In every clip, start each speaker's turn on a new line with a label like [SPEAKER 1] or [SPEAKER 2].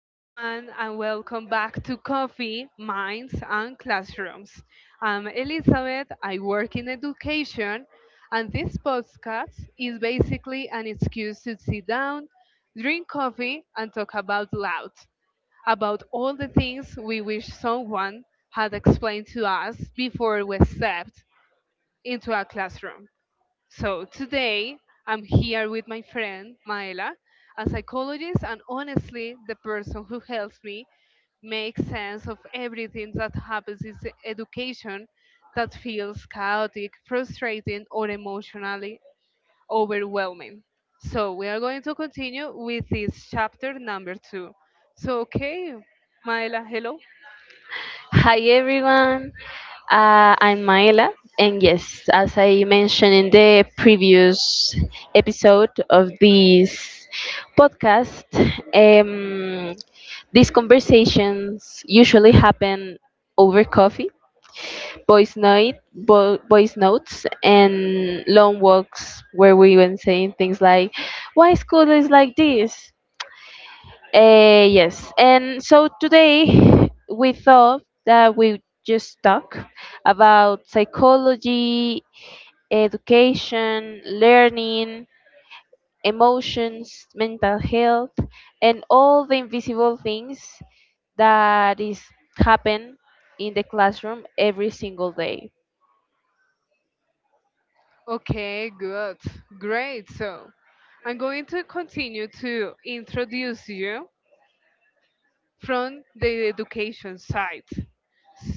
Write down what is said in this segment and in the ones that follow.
[SPEAKER 1] everyone, and welcome back to Coffee, Minds, and Classrooms. I'm Elizabeth, I work in education, and this podcast is basically an excuse to sit down, drink coffee, and talk about all the things we wish someone had explained to us before we stepped into a classroom. So today I'm here with my friend Maela, a psychologist, and honestly, the person who helps me make sense of everything that happens in education that feels chaotic, frustrating, or emotionally overwhelming. So we are going to continue with this chapter number two. So okay, Maela, hello.
[SPEAKER 2] Hi everyone, I'm Maela, and yes, as I mentioned in the previous episode of this podcast, um, these conversations usually happen over coffee, voice night, voice notes, and long walks where we were saying things like, "Why school is like this?" Yes, and so today we thought that we just talk about psychology, education, learning, emotions, mental health, and all the invisible things that is happen in the classroom every single day.
[SPEAKER 1] Okay, good, great. So I'm going to continue to introduce you from the education side.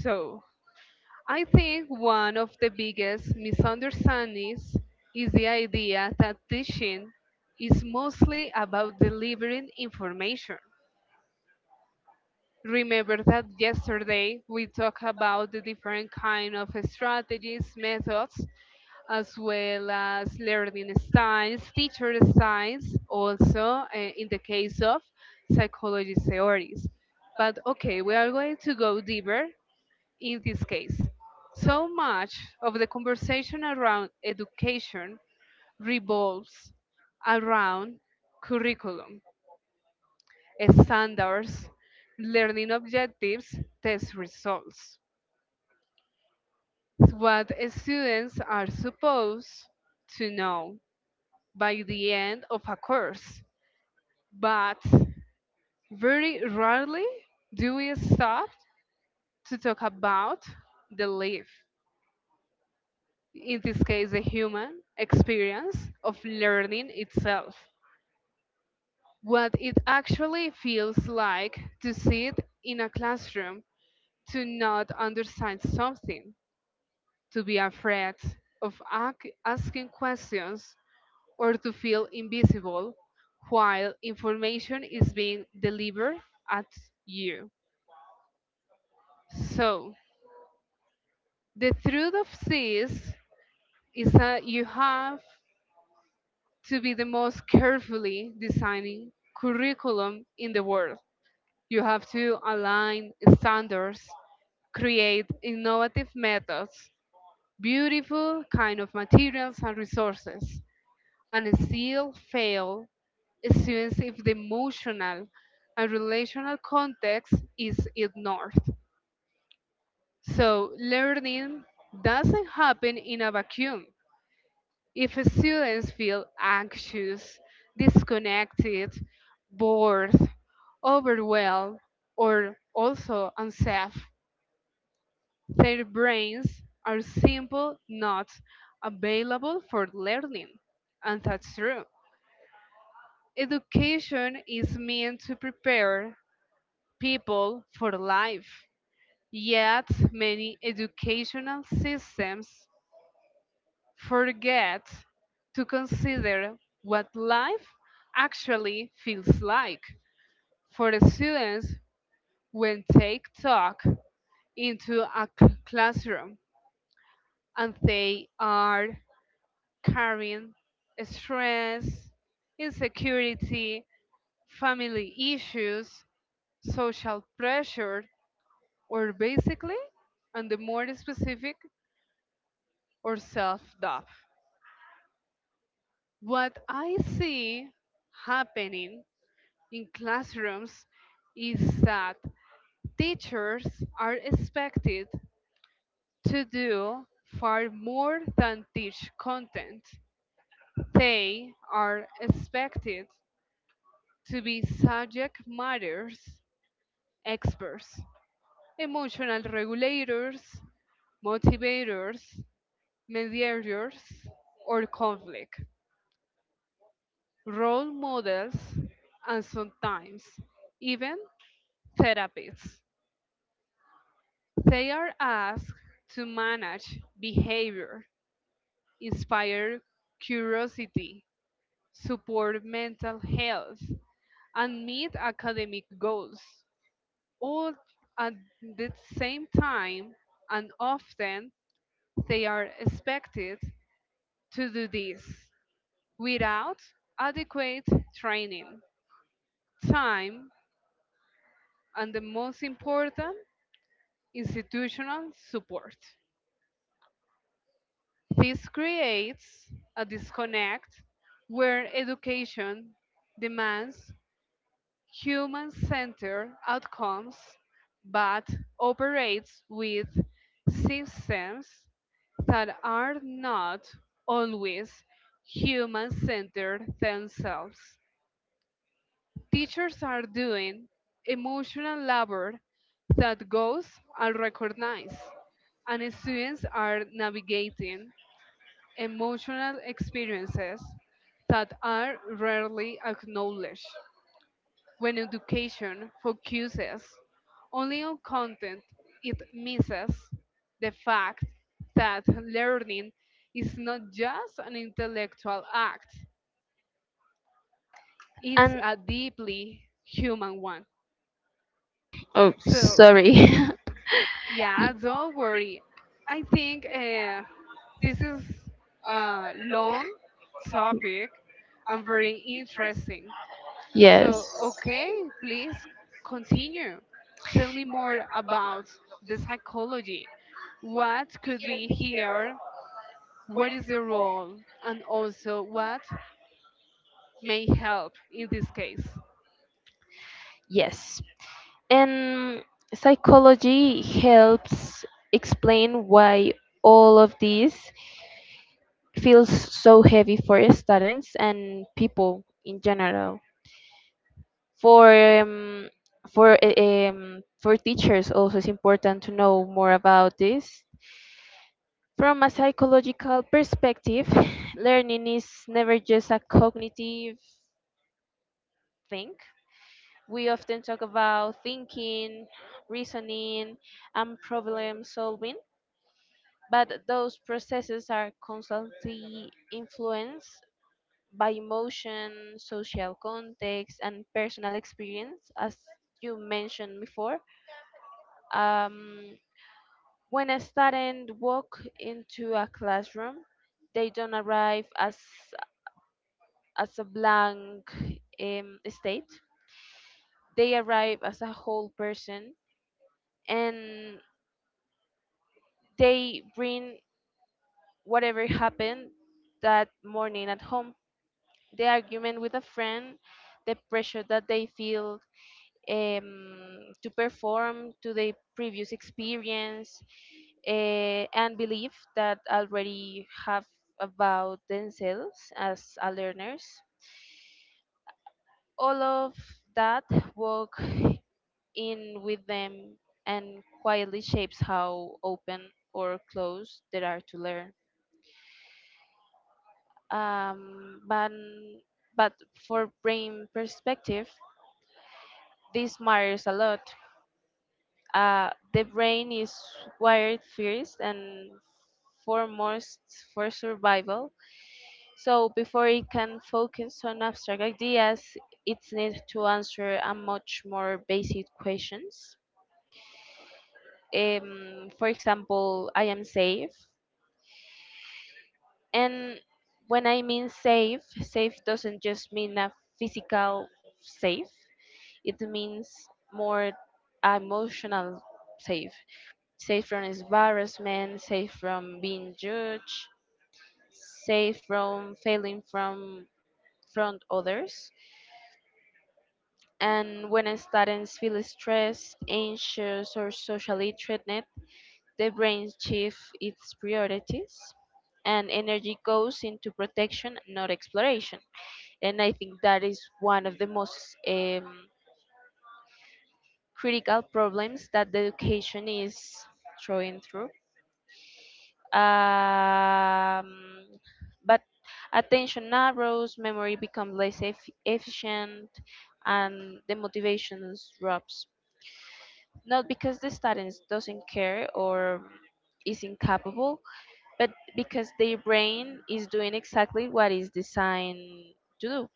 [SPEAKER 1] So, I think one of the biggest misunderstandings is the idea that teaching is mostly about delivering information. Remember that yesterday we talked about the different kind of strategies, methods as well as learning styles, teacher styles, also in the case of psychology theories. But okay, we are going to go deeper in this case. So much of the conversation around education revolves around curriculum, standards, learning objectives, test results. What students are supposed to know by the end of a course. But very rarely do we stop to talk about the life, in this case, the human experience of learning itself. What it actually feels like to sit in a classroom, to not understand something, to be afraid of asking questions, or to feel invisible while information is being delivered at you. So, the truth of this is that you have to be the most carefully designing curriculum in the world. You have to align standards, create innovative methods, beautiful kind of materials and resources. And still fail students if the emotional and relational context is ignored. So, learning doesn't happen in a vacuum. If students feel anxious, disconnected, bored, overwhelmed, or also unsafe, their brains are simply not available for learning. And that's true. Education is meant to prepare people for life, yet many educational systems forget to consider what life actually feels like for the students when they talk into a classroom and they are carrying stress, insecurity, family issues, social pressure, or basically, and the more specific, or self doubt. What I see happening in classrooms is that teachers are expected to do far more than teach content. They are expected to be subject matters experts, emotional regulators, motivators, mediators, or conflict, role models, and sometimes even therapists. They are asked to manage behavior, inspire curiosity, support mental health, and meet academic goals, all at the same time, and often they are expected to do this without adequate training, time, and the most important, institutional support. This creates a disconnect where education demands human centered outcomes but operates with systems that are not always human centered themselves. Teachers are doing emotional labor that goes unrecognized, and students are navigating emotional experiences that are rarely acknowledged. When education focuses only on content, it misses the fact that learning is not just an intellectual act, it's
[SPEAKER 2] And
[SPEAKER 1] a deeply human one.
[SPEAKER 2] oh,
[SPEAKER 1] So,
[SPEAKER 2] sorry.
[SPEAKER 1] yeah, don't worry. I think this is a long topic and very interesting. So,
[SPEAKER 2] Yes.
[SPEAKER 1] okay, please continue. Tell me more about the psychology. What could be here? What is the role? And also, what may help in this case?
[SPEAKER 2] Yes. And psychology helps explain why all of this feels so heavy for students and people in general. for um, for teachers also it's important to know more about this from a psychological perspective. Learning is never just a cognitive thing. We often talk about thinking, reasoning, and problem solving, but those processes are constantly influenced by emotion, social context, and personal experience, as you mentioned before. um, When a student walk into a classroom, they don't arrive as a blank state. They arrive as a whole person, and they bring whatever happened that morning at home. The argument with a friend, the pressure that they feel to perform, to the previous experience, and belief that already have about themselves as a learners. All of that walk in with them and quietly shapes how open or closed they are to learn. Um, but but for brain perspective, this matters a lot. The brain is wired first and foremost for survival. So before it can focus on abstract ideas, it needs to answer a much more basic questions. For example, I am safe. And when I mean safe, safe doesn't just mean a physical safe. It means more emotional safe, safe from embarrassment, safe from being judged, safe from failing, from others. And when students feel stressed, anxious, or socially threatened, the brain shifts its priorities and energy goes into protection, not exploration. And I think that is one of the most critical problems that the education is throwing through. Um, but attention narrows, memory becomes less efficient, and the motivation drops. Not because the student doesn't care or is incapable, but because their brain is doing exactly what is designed to do,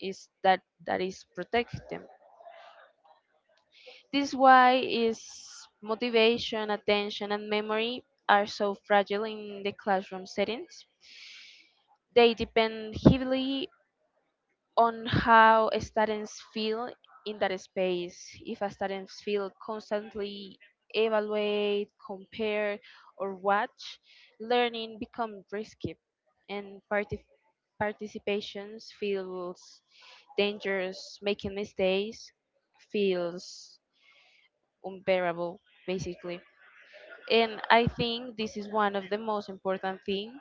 [SPEAKER 2] is that is protect them. This why is motivation, attention, and memory are so fragile in the classroom settings. They depend heavily on how students feel in that space. If a students feel constantly evaluate, compare, or watch, learning becomes risky, and participations feels dangerous. Making mistakes feels unbearable, basically. And I think this is one of the most important things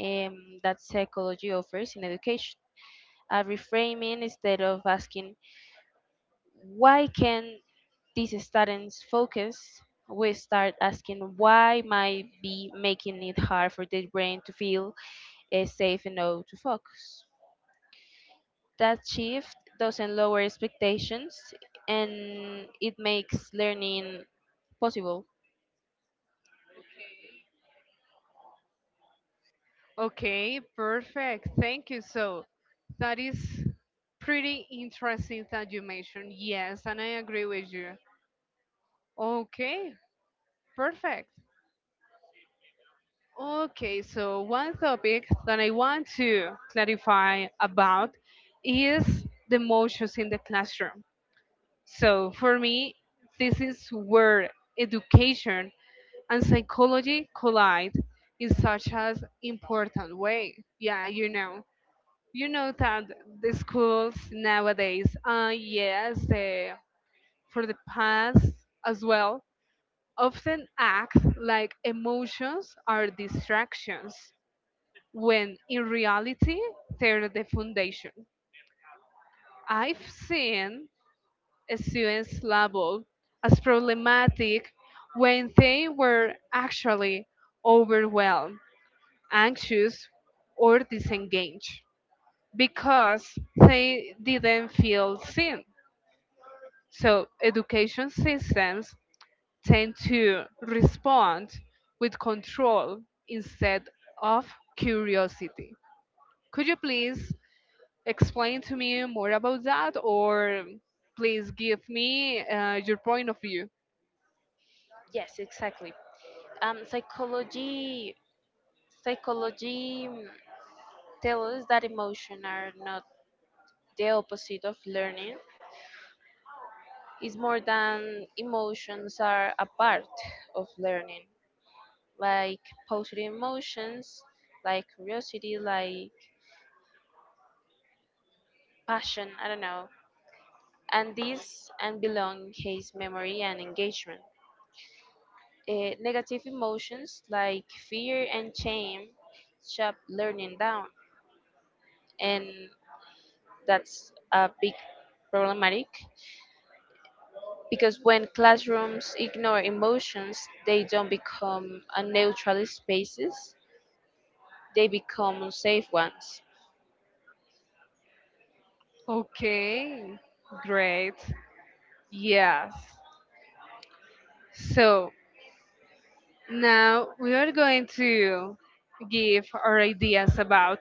[SPEAKER 2] that psychology offers in education. A reframing, instead of asking why can these students focus, we start asking why might be making it hard for their brain to feel safe enough to focus. That shift doesn't lower expectations, and it makes learning possible.
[SPEAKER 1] Okay, perfect. Thank you. So, that is pretty interesting that you mentioned. Yes, and I agree with you. Okay, perfect. Okay, so one topic that I want to clarify about is the emotions in the classroom. So for me, this is where education and psychology collide in such an important way. Yeah, you know that the schools nowadays, for the past as well, often act like emotions are distractions when in reality they're the foundation. I've seen students labeled as problematic when they were actually overwhelmed, anxious, or disengaged because they didn't feel seen. So education systems tend to respond with control instead of curiosity. Could you please explain to me more about that or please give me your point of view.
[SPEAKER 2] Yes, exactly. Um, psychology psychology mm, tell us that emotion are not the opposite of learning. It's more than emotions are a part of learning, like positive emotions, like curiosity, like passion, I don't know. And this and belong case memory and engagement. Eh, negative emotions like fear and shame shut learning down, and that's a big problematic, because when classrooms ignore emotions, they don't become a neutral spaces, they become safe ones.
[SPEAKER 1] Okay, great, yes. So now we are going to give our ideas about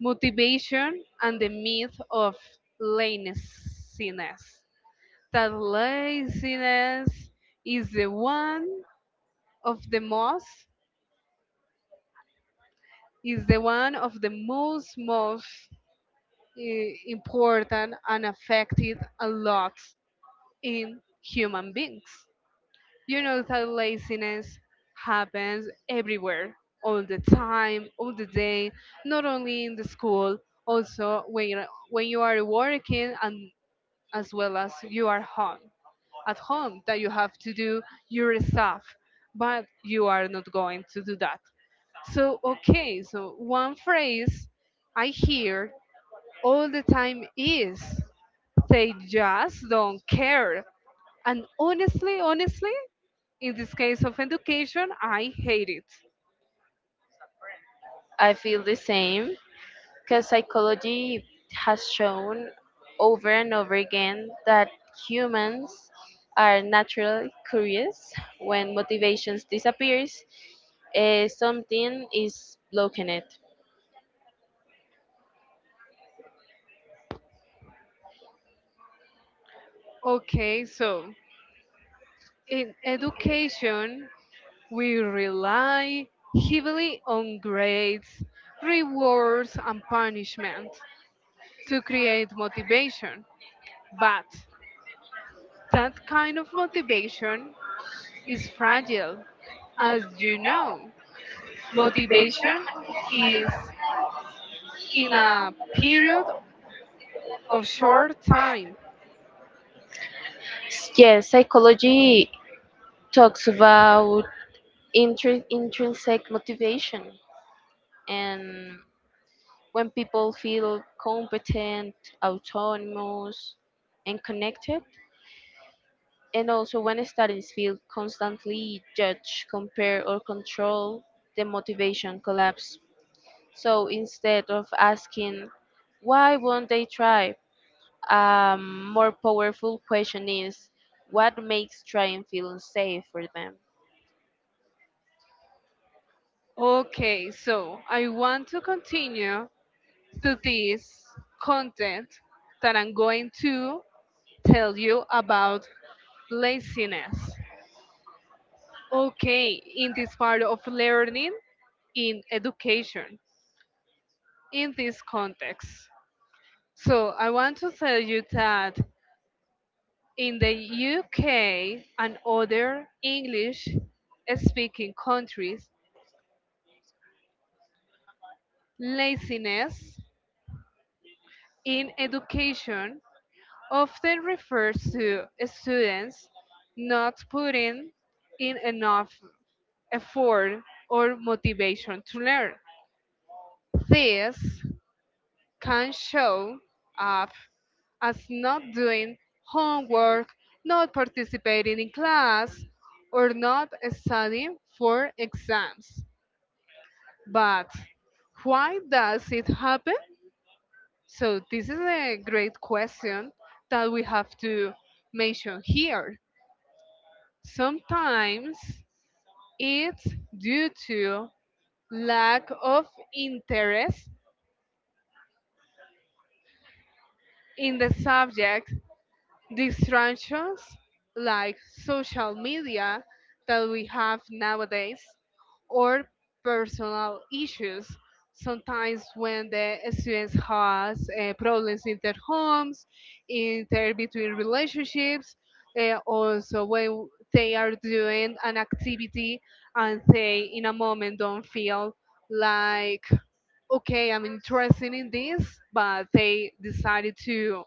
[SPEAKER 1] motivation and the myth of laziness, that laziness is the one of the most is the one of the most important and affected a lot in human beings. You know that laziness happens everywhere, all the time, all the day, not only in the school, also when you are working, and as well as you are home at home, that you have to do your stuff, but you are not going to do that. So, okay, so one phrase I hear all the time is they just don't care. And honestly, in this case of education, I hate it.
[SPEAKER 2] I feel the same, because psychology has shown over and over again that humans are naturally curious. When motivations disappears, something is blocking it.
[SPEAKER 1] Okay, so in education, we rely heavily on grades, rewards, and punishment to create motivation. But that kind of motivation is fragile. As you know, motivation is in a period of short time.
[SPEAKER 2] Yes, psychology talks about intrinsic motivation, and when people feel competent, autonomous, and connected. And also, when studies feel constantly judged, compare, or control, the motivation collapse. So instead of asking, why won't they try? A more powerful question is, what makes trying feel unsafe for them?
[SPEAKER 1] Okay, so I want to continue to this content that I'm going to tell you about laziness. Okay, in this part of learning in education, in this context. So I want to tell you that in the UK and other English speaking countries, laziness in education often refers to students not putting in enough effort or motivation to learn. This can show up as not doing homework, not participating in class, or not studying for exams. But why does it happen? So, this is a great question that we have to mention here. Sometimes it's due to lack of interest in the subject, distractions like social media that we have nowadays, or personal issues. Sometimes when the students has problems in their homes, in their between relationships, also when they are doing an activity and they in a moment don't feel like okay, I'm interested in this, but they decided to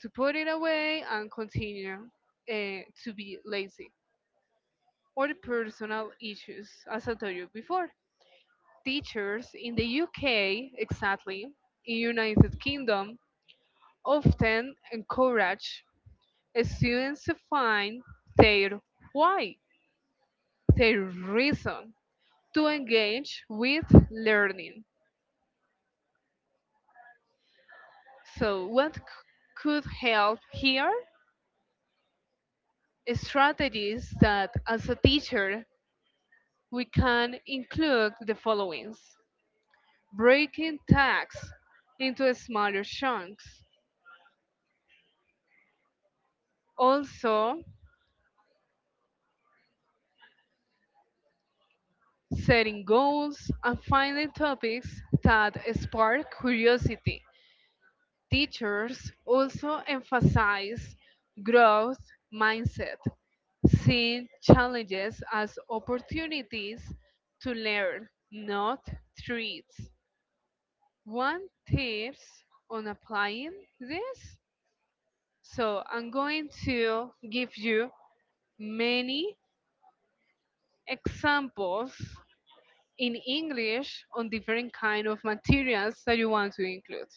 [SPEAKER 1] to put it away and continue to be lazy, or the personal issues as I told you before. Teachers in the UK, exactly in United Kingdom, often encourage students to find their why, their reason to engage with learning. So what could help here? Strategies that as a teacher we can include the followings: breaking tasks into smaller chunks, also setting goals and finding topics that spark curiosity. Teachers also emphasize growth mindset, seeing challenges as opportunities to learn, not threats. One tips on applying this. So I'm going to give you many examples in English on different kind of materials that you want to include.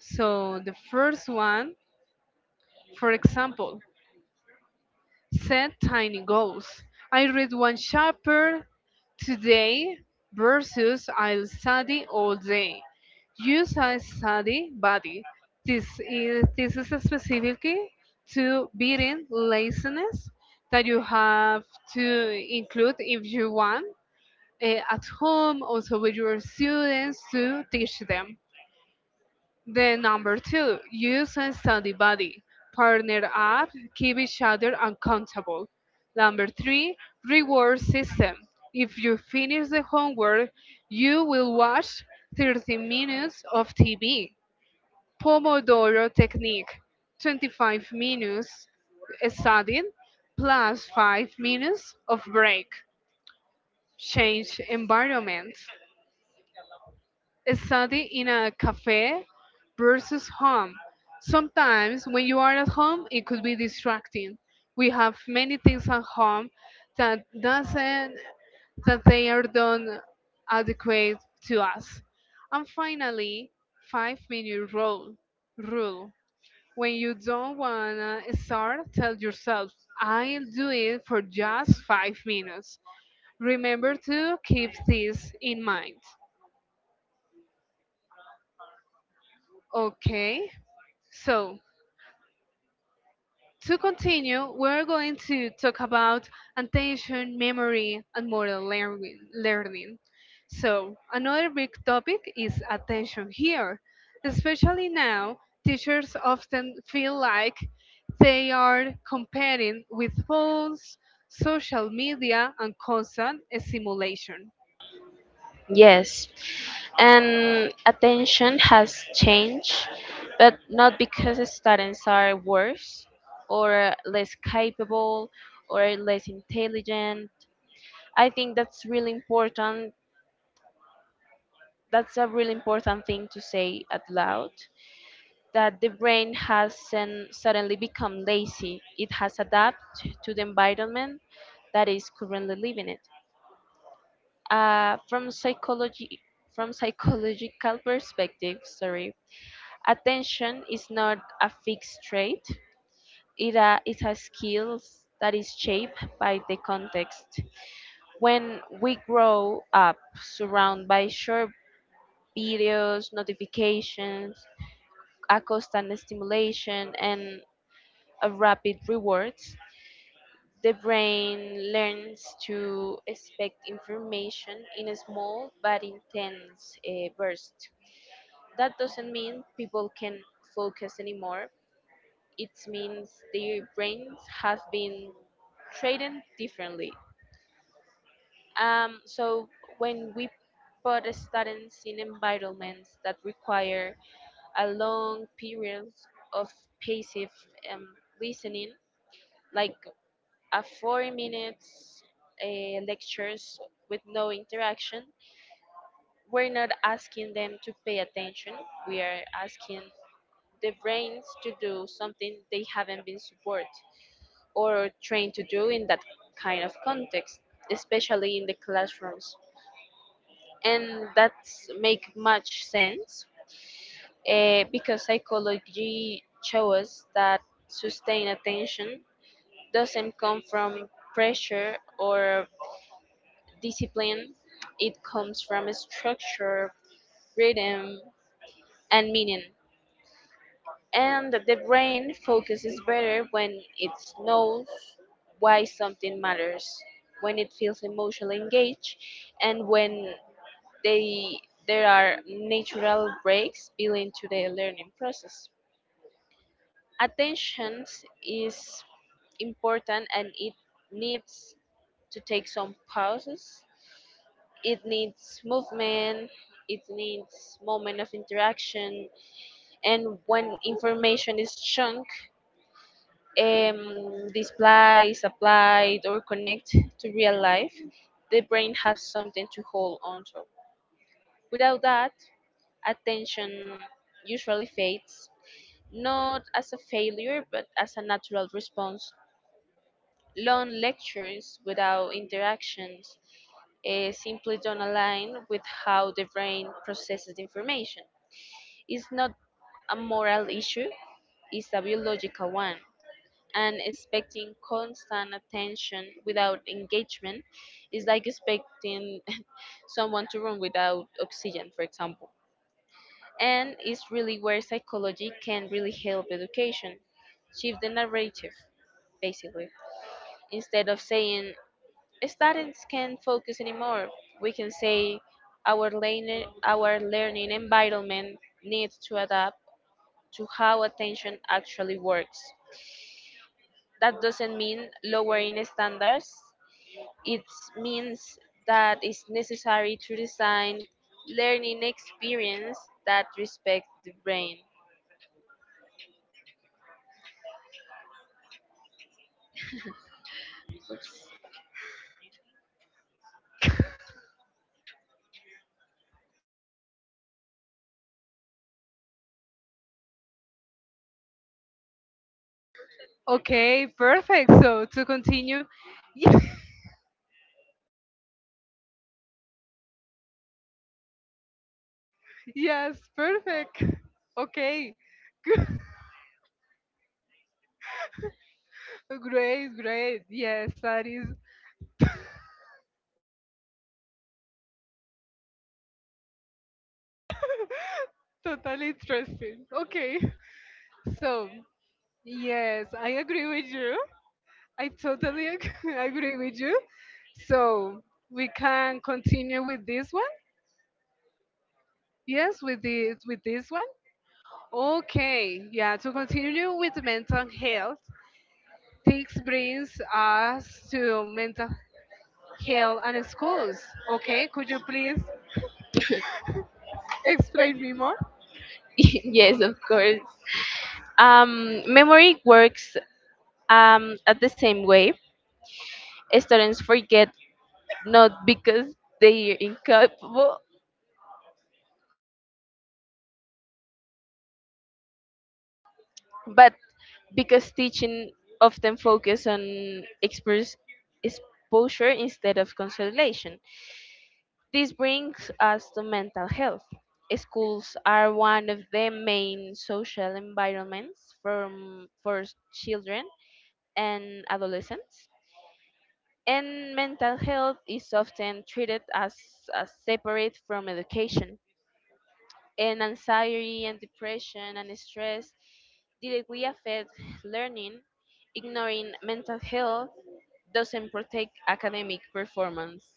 [SPEAKER 1] So the first one, for example, set tiny goals. I read one chapter today versus I'll study all day. Use a study buddy. This is specifically to beating laziness that you have to include if you want, eh, at home also with your students to teach them. Then number two, use and study buddy. Partner up, keep each other accountable. Number three, reward system. If you finish the homework, you will watch 30 minutes of TV. Pomodoro technique, 25 minutes studying plus 5 minutes of break. Change environment. Study in a cafe versus home. Sometimes when you are at home, it could be distracting. We have many things at home that doesn't, that they are done adequate to us. And finally, 5-minute rule. When you don't wanna start, tell yourself, I'll do it for just 5 minutes. Remember to keep this in mind. Okay, so to continue, we're going to talk about attention, memory, and motor learning. So, another big topic is attention here. Especially now, teachers often feel like they are competing with phones, social media, and constant stimulation.
[SPEAKER 2] Yes, and attention has changed, but not because students are worse or less capable or less intelligent. I think that's really important. That's a really important thing to say out loud, that the brain hasn't suddenly become lazy. It has adapted to the environment that is currently living it. From psychology, from psychological perspective, sorry, attention is not a fixed trait. It it has skills that is shaped by the context. When we grow up surrounded by short videos, notifications, a constant stimulation, and a rapid rewards, the brain learns to expect information in a small but intense burst. That doesn't mean people can focus anymore. It means their brains have been trained differently. So when we put students in environments that require a long period of passive um, listening, like a 4 minutes lectures with no interaction. We're not asking them to pay attention. We are asking the brains to do something they haven't been supported or trained to do in that kind of context, especially in the classrooms. And that make much sense, because psychology shows that sustained attention doesn't come from pressure or discipline, it comes from structure, rhythm, and meaning. And the brain focuses better when it knows why something matters, when it feels emotionally engaged, and when they there are natural breaks built into the learning process. Attention is important, and it needs to take some pauses, it needs movement, it needs moment of interaction. And when information is chunk, um, displays applied or connect to real life, the brain has something to hold on to. Without that, attention usually fades, not as a failure but as a natural response. Long lectures without interactions, simply don't align with how the brain processes information. It's not a moral issue, it's a biological one. And expecting constant attention without engagement is like expecting someone to run without oxygen, for example. And it's really where psychology can really help education. Shift the narrative, basically. Instead of saying students can focus anymore. We can say our learning environment needs to adapt to how attention actually works. That doesn't mean lowering standards. It means that it's necessary to design learning experience that respect the brain.
[SPEAKER 1] Okay, perfect. So, to continue, yes, perfect. Okay, good. Great, great. Yes, that is totally interesting. Okay. So, yes, I agree with you. I totally agree with you. So, we can continue with this one. Yes, with this one. Okay. Yeah, to continue with mental health, this brings us to mental health and schools. Okay, could you please explain me more?
[SPEAKER 2] Yes, of course. Memory works at the same way. Students forget not because they are incapable, but because teaching often focus on express exposure instead of consolation. This brings us to mental health. Schools are one of the main social environments for children and adolescents, and mental health is often treated as, separate from education, and anxiety and depression and stress did we affect learning. Ignoring mental health doesn't protect academic performance,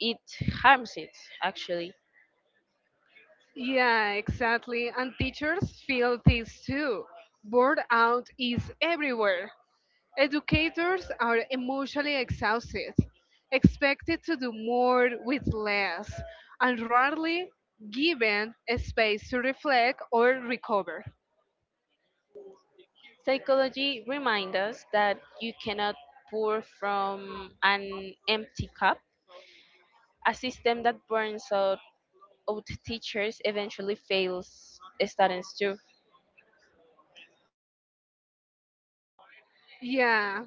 [SPEAKER 2] it harms it, actually.
[SPEAKER 1] Yeah, exactly. And teachers feel this too. Burnout is everywhere. Educators are emotionally exhausted, expected to do more with less, and rarely given a space to reflect or recover.
[SPEAKER 2] Psychology reminds us that you cannot pour from an empty cup. A system that burns out teachers eventually fails students too.
[SPEAKER 1] Yeah,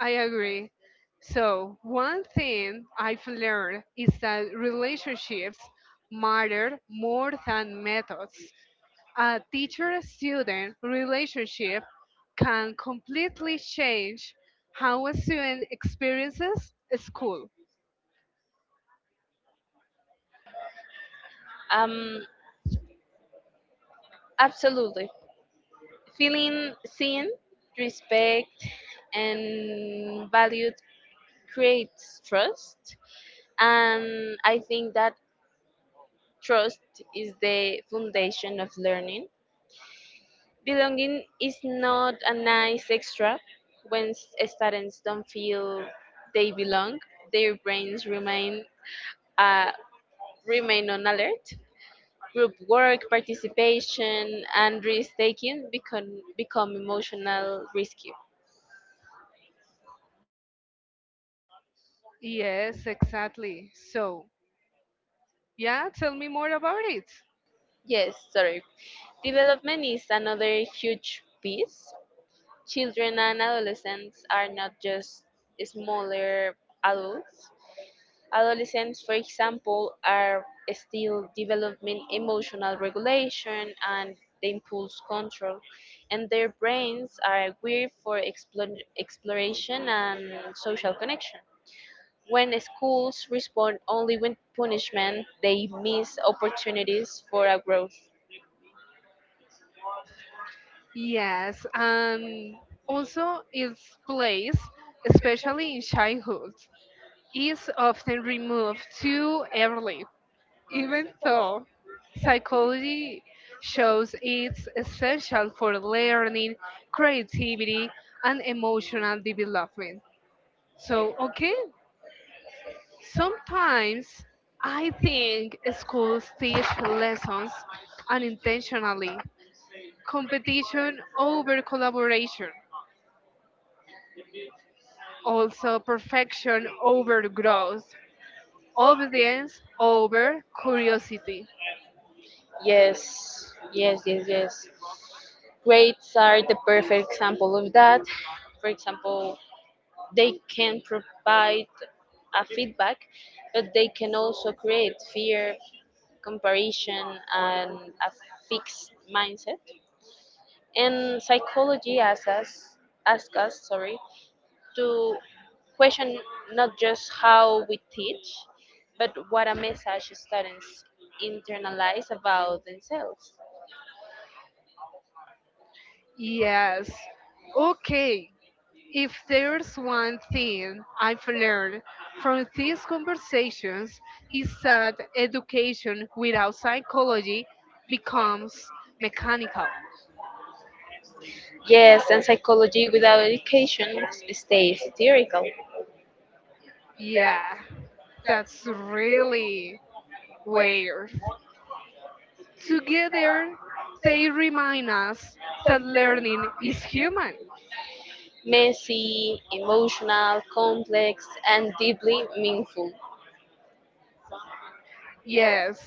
[SPEAKER 1] I agree. So, one thing I've learned is that relationships matter more than methods. A teacher student relationship can completely change how a student experiences school.
[SPEAKER 2] Um, absolutely. Feeling seen, respect, and valued creates trust. And I think that trust is the foundation of learning. Belonging is not a nice extra. When students don't feel they belong, their brains remain uh, remain on alert. Group work, participation, and risk taking become emotional risky.
[SPEAKER 1] Yes, exactly. So, yeah, tell me more about it.
[SPEAKER 2] Yes, sorry. Development is another huge piece. Children and adolescents are not just smaller adults. Adolescents, for example, are still developing emotional regulation and the impulse control, and their brains are geared for exploration and social connection. When schools respond only with punishment, they miss opportunities for a growth.
[SPEAKER 1] Yes, and also its place, especially in childhood, is often removed too early, even though psychology shows it's essential for learning, creativity, and emotional development. So, okay, sometimes I think schools teach lessons unintentionally: competition over collaboration, also perfection over growth, obedience over curiosity.
[SPEAKER 2] Yes, yes, yes, yes. Grades are the perfect example of that. For example, they can provide a feedback, but they can also create fear, comparison, and a fixed mindset. And psychology ask us, sorry, to question not just how we teach, but what a message students internalize about themselves.
[SPEAKER 1] Yes. Okay. If there's one thing I've learned from these conversations is that education without psychology becomes mechanical.
[SPEAKER 2] Yes, and psychology without education stays theoretical,
[SPEAKER 1] Yeah, that's really weird. Together, they remind us that learning is human.
[SPEAKER 2] messy, emotional, complex, and deeply meaningful.
[SPEAKER 1] Yes.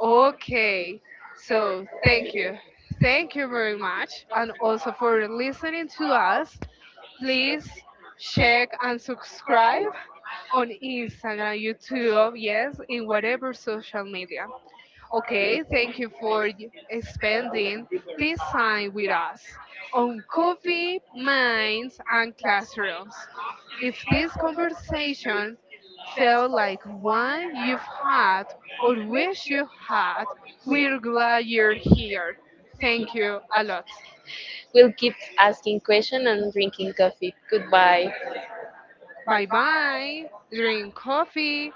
[SPEAKER 1] Okay. So thank you. Thank you very much. And also for listening to us. Please check and subscribe on Instagram, YouTube, yes, in whatever social media. Okay, thank you for spending this time with us on coffee, minds, and classrooms. If this conversation felt like one you've had or wish you had, we're glad you're here. Thank you a lot.
[SPEAKER 2] We'll keep asking questions and drinking coffee. Goodbye.
[SPEAKER 1] Bye bye. Drink coffee